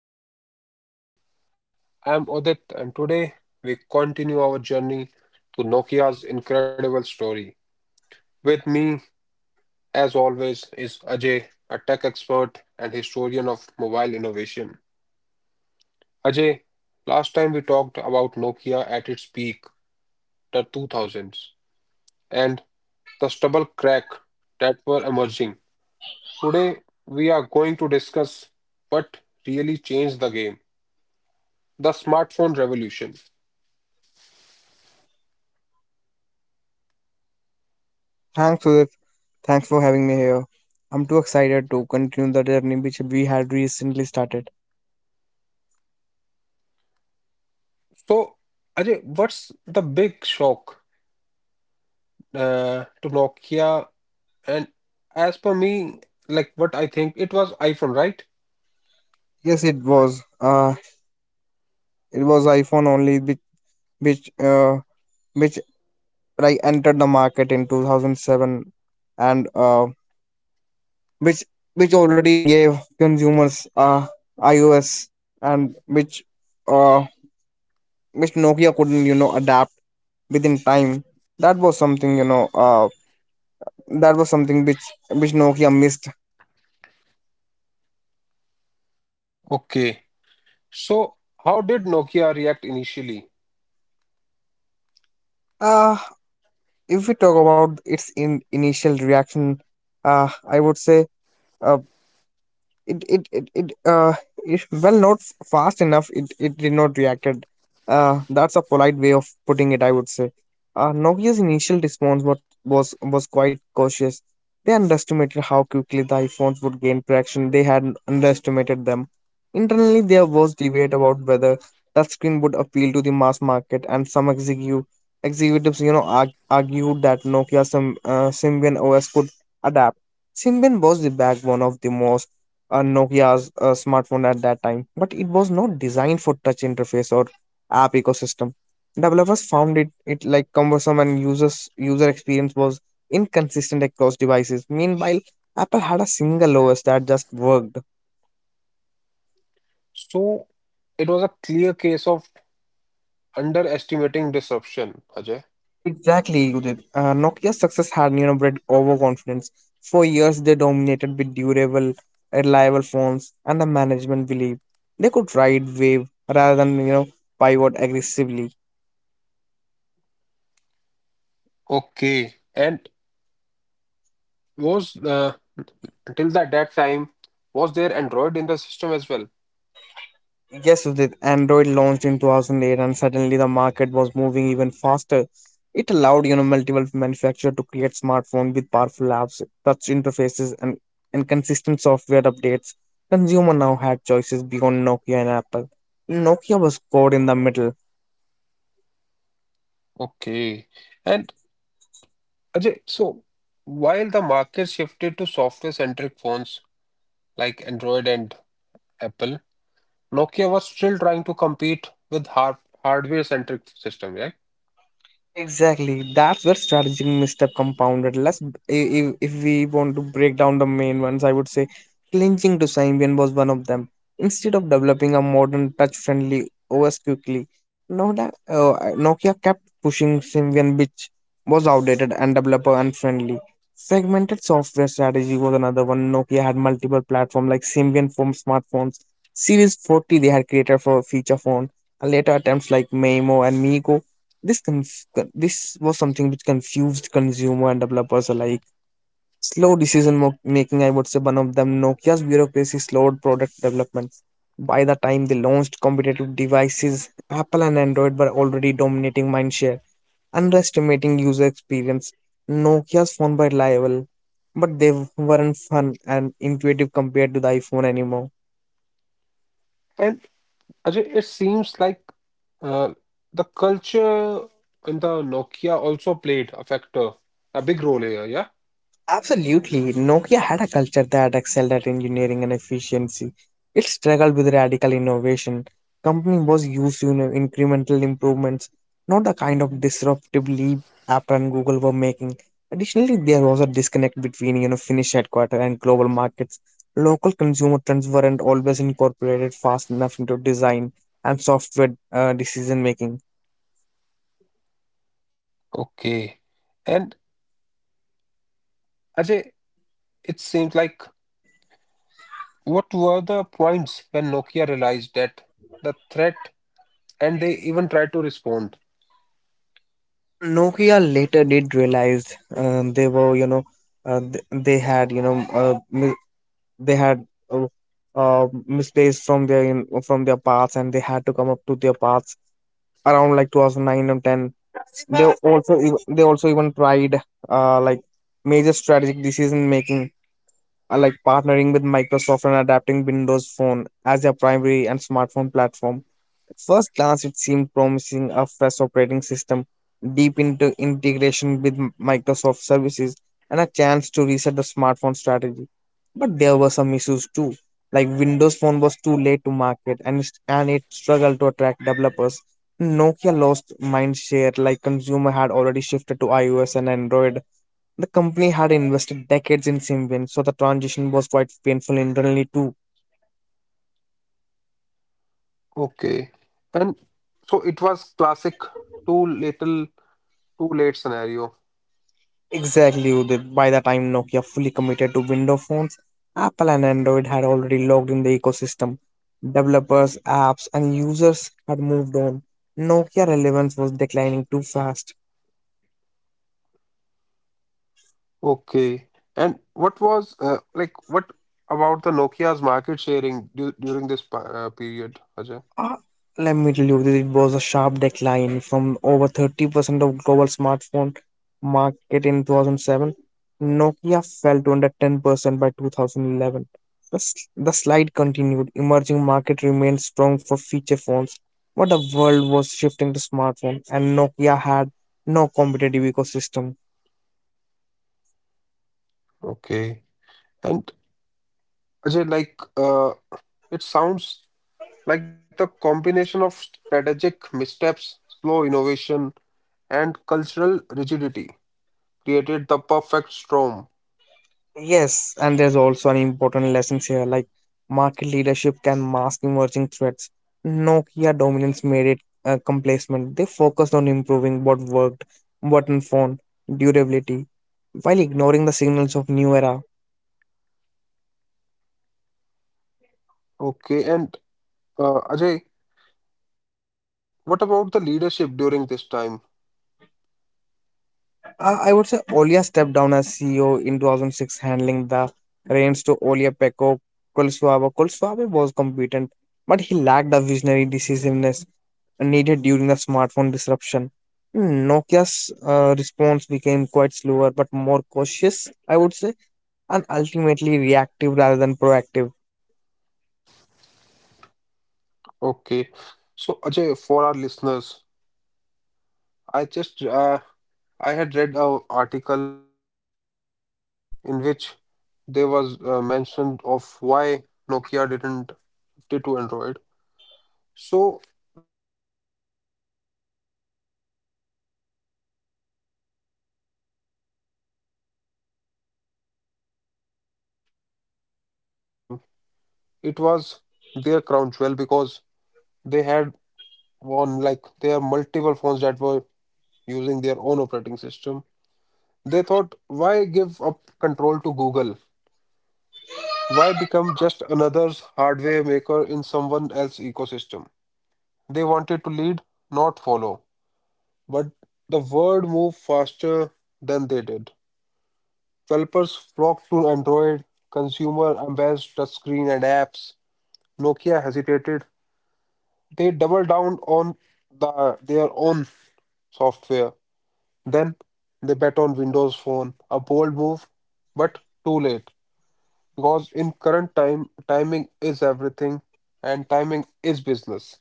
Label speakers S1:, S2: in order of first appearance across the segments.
S1: to Business Unwrapped. I'm Odit, and today we continue our journey to Nokia's incredible story. With me, as always, is Ajay, a tech expert and historian of mobile innovation. Ajay, last time we talked about Nokia at its peak, the 2000s, and the stubble crack that were emerging. Today, we are going to discuss what really changed the game, the smartphone revolution.
S2: Thanks, Sudhir. Thanks for having me here. I'm too excited to continue the journey which we had recently started.
S1: So, Ajay, what's the big shock to Nokia? And as per me, like what I think, it was iPhone, right?
S2: Yes, it was. It was iPhone only, which uh, which like entered the market in 2007, and which which already gave consumers iOS, and uh, which Nokia couldn't adapt within time. That was something. That was something which Nokia missed.
S1: Okay. So, how did Nokia react initially?
S2: Uh, if we talk about its in initial reaction, I would say, uh, it if, well, not fast enough, it did not reacted. That's a polite way of putting it, I would say. Nokia's initial response was quite cautious. They underestimated how quickly the iPhones would gain traction. They had underestimated them. Internally, there was debate about whether touchscreen would appeal to the mass market, and some executives, argued that nokia's Symbian OS could adapt. Symbian was the backbone of the most, Nokia's smartphone at that time, but it was not designed for touch interface or app ecosystem. Developers found it like cumbersome, and user experience was inconsistent across devices. Meanwhile, Apple had a single OS that just worked.
S1: So, it was a clear case of underestimating disruption, Ajay.
S2: Exactly, Udit. Nokia's success had bred overconfidence. For years, they dominated with durable, reliable phones, and the management believed they could ride wave rather than pivot aggressively.
S1: Okay. And was until that time, was there Android in the system as well?
S2: Yes, Udit, Android launched in 2008, and suddenly the market was moving even faster. It allowed, you know, multiple manufacturers to create smartphones with powerful apps, touch interfaces, and consistent software updates. Consumer now had choices beyond Nokia and Apple. Nokia was caught in the middle.
S1: Okay. And Ajay, so while the market shifted to software-centric phones like Android and Apple, Nokia was still trying to compete with hardware-centric system, right?
S2: Exactly. That's where strategic misstep compounded. Let's if we want to break down the main ones, I would say clinching to Symbian was one of them. Instead of developing a modern touch-friendly OS quickly, Nokia kept pushing Symbian, which was outdated and developer unfriendly. Segmented software strategy was another one. Nokia had multiple platforms like Symbian for smartphones. Series 40 they had created for feature phone, and later attempts like Maimo and Migo, this was something which confused consumer and developers alike. Slow decision making, I would say, one of them. Nokia's bureaucracy slowed product development. By the time they launched competitive devices, Apple and Android were already dominating mindshare, underestimating user experience. Nokia's phone were reliable, but they weren't fun and intuitive compared to the iPhone anymore.
S1: And Ajay, it seems like uh, the culture in the Nokia also played a factor, a big role here, yeah?
S2: Absolutely. Nokia had a culture that excelled at engineering and efficiency. It struggled with radical innovation. Company was used to, incremental improvements, not the kind of disruptive leap Apple and Google were making. Additionally, there was a disconnect between Finnish headquarters and global markets. Local consumer trends weren't always incorporated fast enough into design and software decision making.
S1: Okay. And Ajay, it seems like, what were the points when Nokia realized that the threat and they even tried to respond?
S2: Nokia later did realize they were, you know, th- they had, you know, mi- they had uh, misplaced from from their paths, and they had to come up to their paths around like 2009 and 10. They also even tried, like, major strategic decision making, like partnering with Microsoft and adapting Windows Phone as their primary and smartphone platform. At first glance, it seemed promising: a fresh operating system, deep into integration with Microsoft services, and a chance to reset the smartphone strategy. But there were some issues too, like Windows Phone was too late to market, and it struggled to attract developers. Nokia lost mindshare, like consumer had already shifted to iOS and Android. The company had invested decades in Symbian, so the transition was quite painful internally too.
S1: Okay. And so it was classic too little, too late scenario.
S2: Exactly, Udit. By the time Nokia fully committed to Windows phones, Apple and Android had already logged in the ecosystem. Developers, apps, and users had moved on. Nokia relevance was declining too fast.
S1: Okay. And what was like what about the Nokia's market sharing du during this pa- period, Ajay?
S2: Uh, Let me tell you, it was a sharp decline from over 30% of global smartphone market in 2007. Nokia fell to under 10% by 2011. The slide continued. Emerging market remained strong for feature phones, but the world was shifting to smartphone, and Nokia had no competitive ecosystem.
S1: Okay. And Ajay, like it sounds like the combination of strategic missteps, slow innovation, and cultural rigidity created the perfect storm.
S2: Yes, and there's also an important lesson here, like market leadership can mask emerging threats. Nokia dominance made it complacent. They focused on improving what worked: button phone, durability, while ignoring the signals of new era.
S1: Okay. And Ajay, what about the leadership during this time?
S2: I would say Olia stepped down as CEO in 2006, handling the reins to Olia Pekko Kulswabe. Kulswabe was competent, but he lacked the visionary decisiveness needed during the smartphone disruption. Nokia's response became quite slower but more cautious, I would say, and ultimately reactive rather than proactive.
S1: Okay. So Ajay, for our listeners, I just uh, I had read a article in which there was mentioned of why Nokia didn't did to Android. So the answer is complex and human. Like it was pride, control, fear. Nokia believed it on its own operating system. It was their crown jewel because they had one, like they have multiple phones that were using their own operating system. They thought, why give up control to Google? Why become just another hardware maker in someone else's ecosystem? They wanted to lead, not follow. But the world moved faster than they did. Developers flocked to Android, consumer embraced touchscreen and apps. Nokia hesitated. They doubled down on their own software. Then they bet on Windows Phone, a bold move, but too late. Because in current time, timing is everything and timing is business.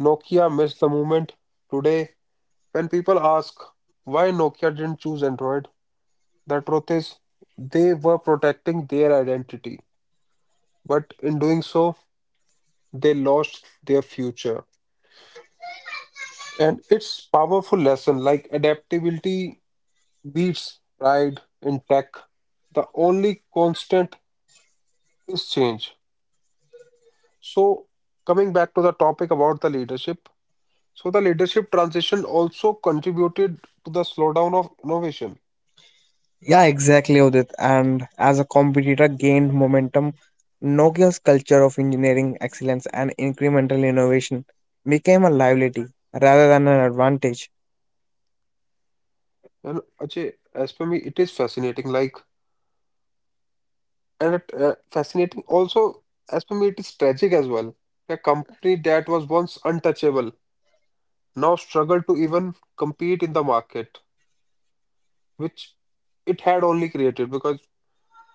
S1: Nokia missed the moment. Today, when people ask why Nokia didn't choose Android, the truth is they were protecting their identity. But in doing so, they lost their future. And it's powerful lesson, like adaptability beats pride in tech. The only constant is change. So, coming back to the topic about the leadership, so the leadership transition also contributed to the slowdown of innovation.
S2: Yeah, exactly, Udit. And as a competitor gained momentum, Nokia's culture of engineering excellence and incremental innovation became a liability rather than an advantage.
S1: And Ajay, as per me, it is fascinating. Like, and fascinating also, as per me, it is tragic as well. A company that was once untouchable now struggle to even compete in the market, which it had only created, because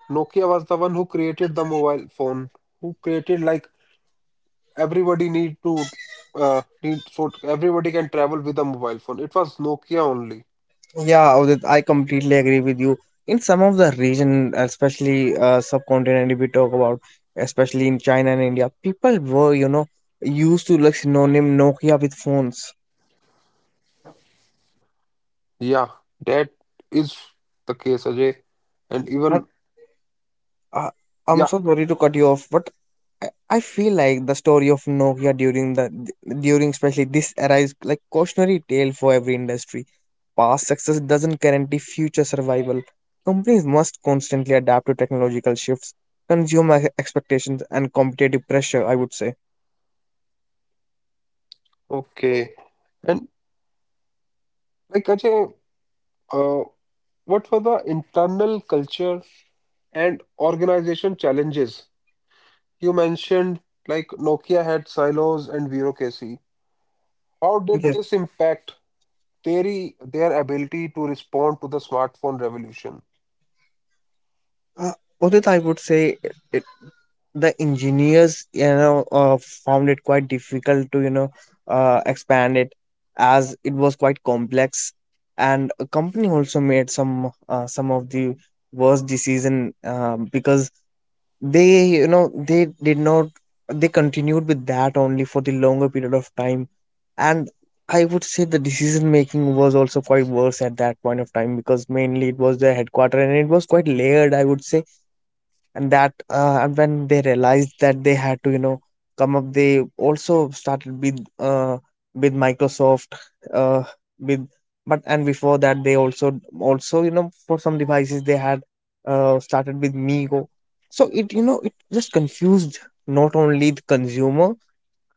S1: Nokia was the one who created the mobile phone, who created, like, everybody need to need so everybody can travel with a mobile phone. It was Nokia only.
S2: Yeah, Udit, I completely agree with you. In some of the region, especially subcontinent, if we talk about, especially in China and India, people were, you know, used to like synonym Nokia with phones.
S1: Yeah, that is the case, Ajay. And
S2: And
S1: even,
S2: Uh, I'm
S1: yeah,
S2: so sorry to cut you off, but I feel like the story of Nokia during the during especially this era is like cautionary tale for every industry. Past success doesn't guarantee future survival. Companies must constantly adapt to technological shifts, consumer expectations, and competitive pressure, I would say.
S1: okay. And like Ajay, uh, what were the internal culture and organization challenges? You mentioned like Nokia had silos and bureaucracy. How did
S2: Yes.
S1: this impact their ability to respond to the smartphone revolution?
S2: Uh, Udit, I would say the engineers, found it quite difficult to, expand it, as it was quite complex, and a company also made some, some of the worst decision, because they, they did not, they continued with that only for the longer period of time. And I would say the decision making was also quite worse at that point of time, because mainly it was the headquarter and it was quite layered, I would say. And when they realized that they had to, come up, they also started with, with Microsoft, uh, with but, and before that, they also also for some devices they had, started with Migo. So it, you know, it just confused not only the consumer,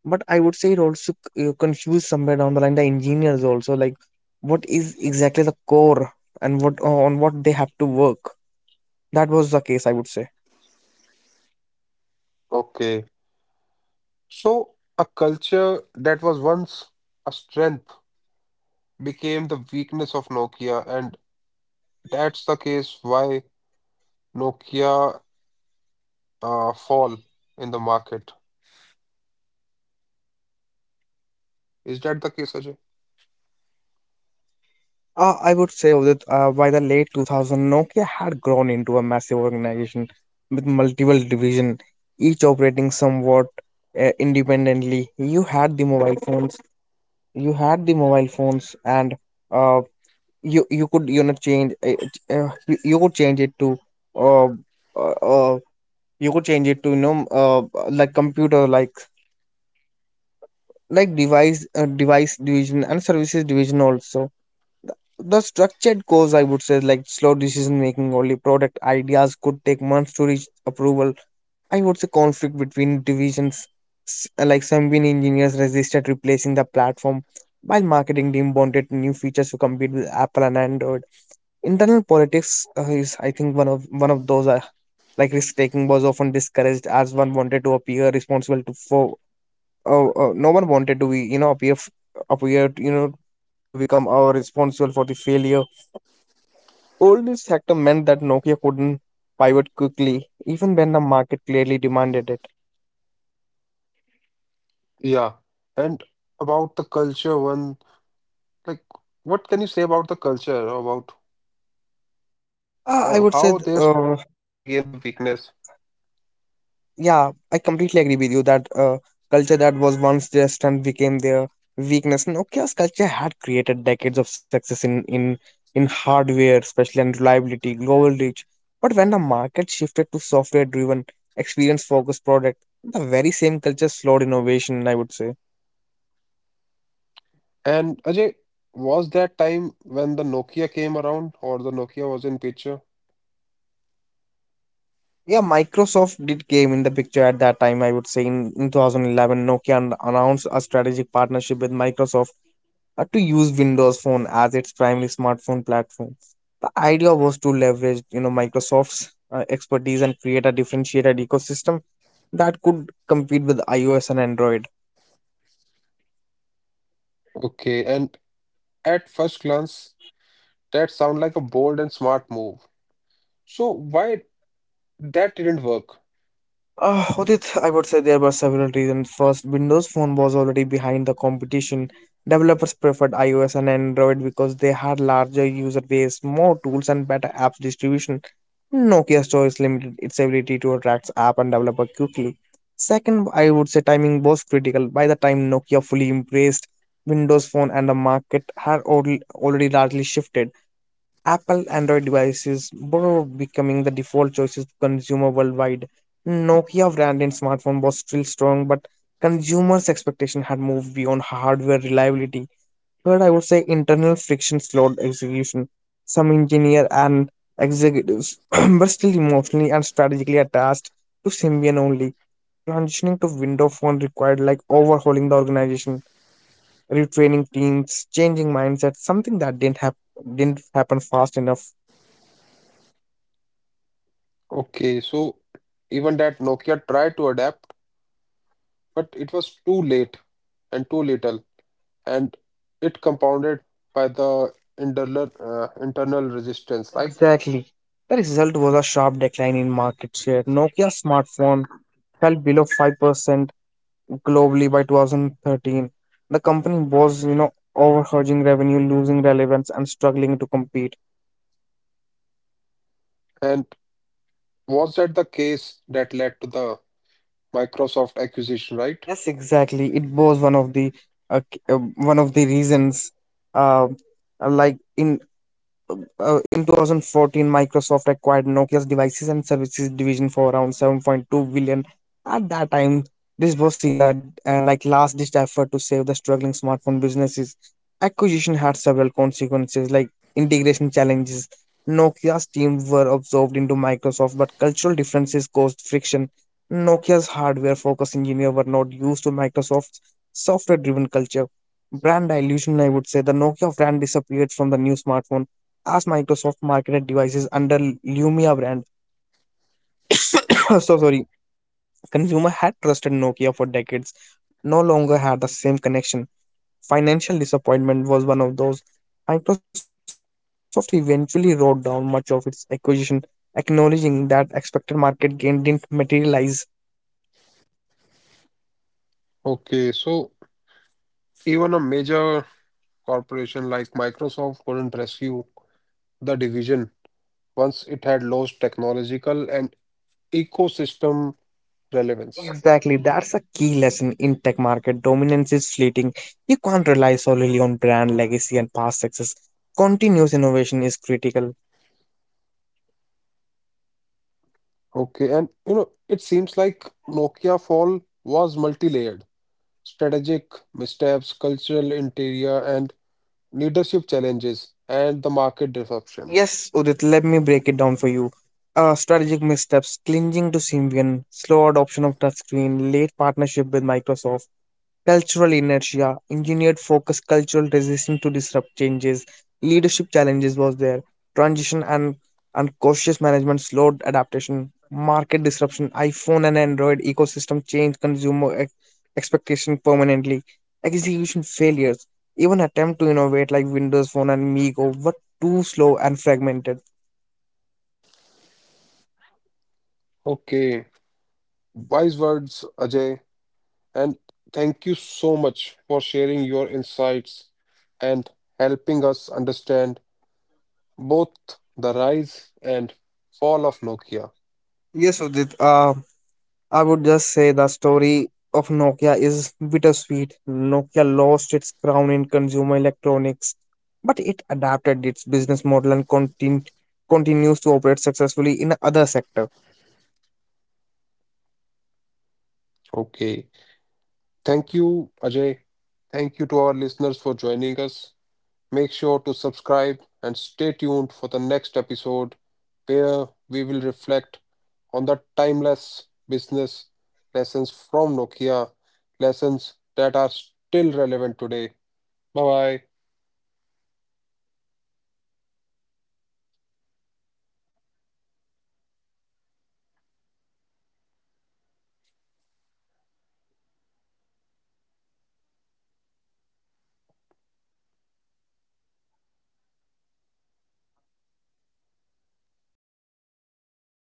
S2: but I would say it also confused somewhere down the line the engineers also, like what is exactly the core, and what they have to work. That was the case, I would say.
S1: Okay. So a culture that was once a strength became the weakness of Nokia, and that's the case why Nokia fall in the market. Is that the case, Ajay?
S2: I would say that by the late 2000, Nokia had grown into a massive organization with multiple divisions, each operating somewhat independently. You had the mobile phones, and, uh, you could, change, uh, you could change it to, uh, uh, you could change it to, like, computer like device, device division, and services division also. The structured goals, I would say, like slow decision making, only product ideas could take months to reach approval. I would say conflict between divisions, like some win engineers resisted replacing the platform, while marketing team wanted new features to compete with Apple and Android. Internal politics, is, I think, one of those, like risk taking was often discouraged, as one wanted to appear responsible to for, no one wanted to be, appear f- appear you know to become, responsible for the failure. All this sector meant that Nokia couldn't pivot quickly, even when the market clearly demanded it.
S1: Yeah. And about the culture one, like what can you say about the culture, about
S2: I would say, th-
S1: how their strength became the weakness?
S2: Yeah, I completely agree with you that culture that was once their strength became their weakness. Nokia's culture had created decades of success in hardware, especially, and reliability, global reach. But when the market shifted to software-driven, experience-focused product, the very same culture slowed innovation, I would say.
S1: And Ajay, was that time when the Nokia came around or the Nokia was in picture?
S2: Yeah, Microsoft did came in the picture at that time. I would say in 2011, Nokia announced a strategic partnership with Microsoft to use Windows Phone as its primary smartphone platform. The idea was to leverage, you know, Microsoft's expertise, and create a differentiated ecosystem that could compete with iOS and Android.
S1: Okay, and at first glance, that sound like a bold and smart move. So why that didn't work?
S2: Udit, I would say there were several reasons. First, Windows Phone was already behind the competition. Developers preferred iOS and Android because they had larger user base, more tools, and better apps distribution. Nokia's choice limited its ability to attract app and developer quickly. Second, I would say timing was critical. By the time Nokia fully embraced Windows Phone, and the market had already largely shifted. Apple Android devices were becoming the default choices for consumer worldwide. Nokia brand in smartphone was still strong, but consumers' expectation had moved beyond hardware reliability. Third, I would say internal friction slowed execution. Some engineer and executives were still emotionally and strategically attached to Symbian only. Transitioning to Windows Phone required like overhauling the organization, retraining teams, changing mindsets, something that didn't happen fast enough.
S1: Okay, so even that Nokia tried to adapt, but it was too late and too little, and it compounded by the internal internal resistance. Like,
S2: Exactly. The result was a sharp decline in market share. Nokia smartphone fell below 5% globally by 2013. The company was, you know, overhedging revenue, losing relevance, and struggling to compete.
S1: and was that the case that led to the Microsoft acquisition, right?
S2: Yes, exactly. It was one of the reasons. Uh, like in in 2014, Microsoft acquired Nokia's devices and services division for around 7.2 billion. At that time, this was seen as, like, last-ditch effort to save the struggling smartphone businesses. Acquisition had several consequences, like integration challenges. Nokia's team were absorbed into Microsoft, but cultural differences caused friction. Nokia's hardware-focused engineers were not used to Microsoft's software-driven culture. Brand dilution, I would say, the Nokia brand disappeared from the new smartphone, as Microsoft marketed devices under Lumia brand. So sorry, consumer had trusted Nokia for decades, no longer had the same connection. Financial disappointment was one of those. Microsoft eventually wrote down much of its acquisition, acknowledging that expected market gain didn't materialize.
S1: Okay, so even a major corporation like Microsoft couldn't rescue the division once it had lost technological and ecosystem relevance.
S2: Exactly, that's a key lesson in tech market. Dominance is fleeting. You can't rely solely on brand legacy and past success. Continuous innovation is critical.
S1: Okay, and you know, it seems like Nokia fall was multi-layered, strategic missteps, cultural interior, and leadership challenges, and the market disruption.
S2: Yes, Udit, let me break it down for you. Strategic missteps: clinging to Symbian, slow adoption of touchscreen, late partnership with Microsoft. Cultural inertia, engineered focus, cultural resistance to disrupt changes. Leadership challenges was there, transition and unconscious management slowed adaptation. Market disruption, iPhone and Android ecosystem change consumer expectation permanently. Execution failures, even attempt to innovate like Windows Phone and Meego were too slow and fragmented.
S1: Okay, wise words, Ajay, and thank you so much for sharing your insights and helping us understand both the rise and fall of Nokia.
S2: Yes, Udit. I would just say the story of Nokia is bittersweet. Nokia lost its crown in consumer electronics, but it adapted its business model, and continues to operate successfully in other sector.
S1: Okay, thank you, Ajay. Thank you to our listeners for joining us. Make sure to subscribe and stay tuned for the next episode where we will reflect on the timeless business lessons from Nokia, lessons that are still relevant today. Bye bye.
S2: Thank you for having me here. It was a great pleasure talking to you and discussing Nokia. Thank you for having me.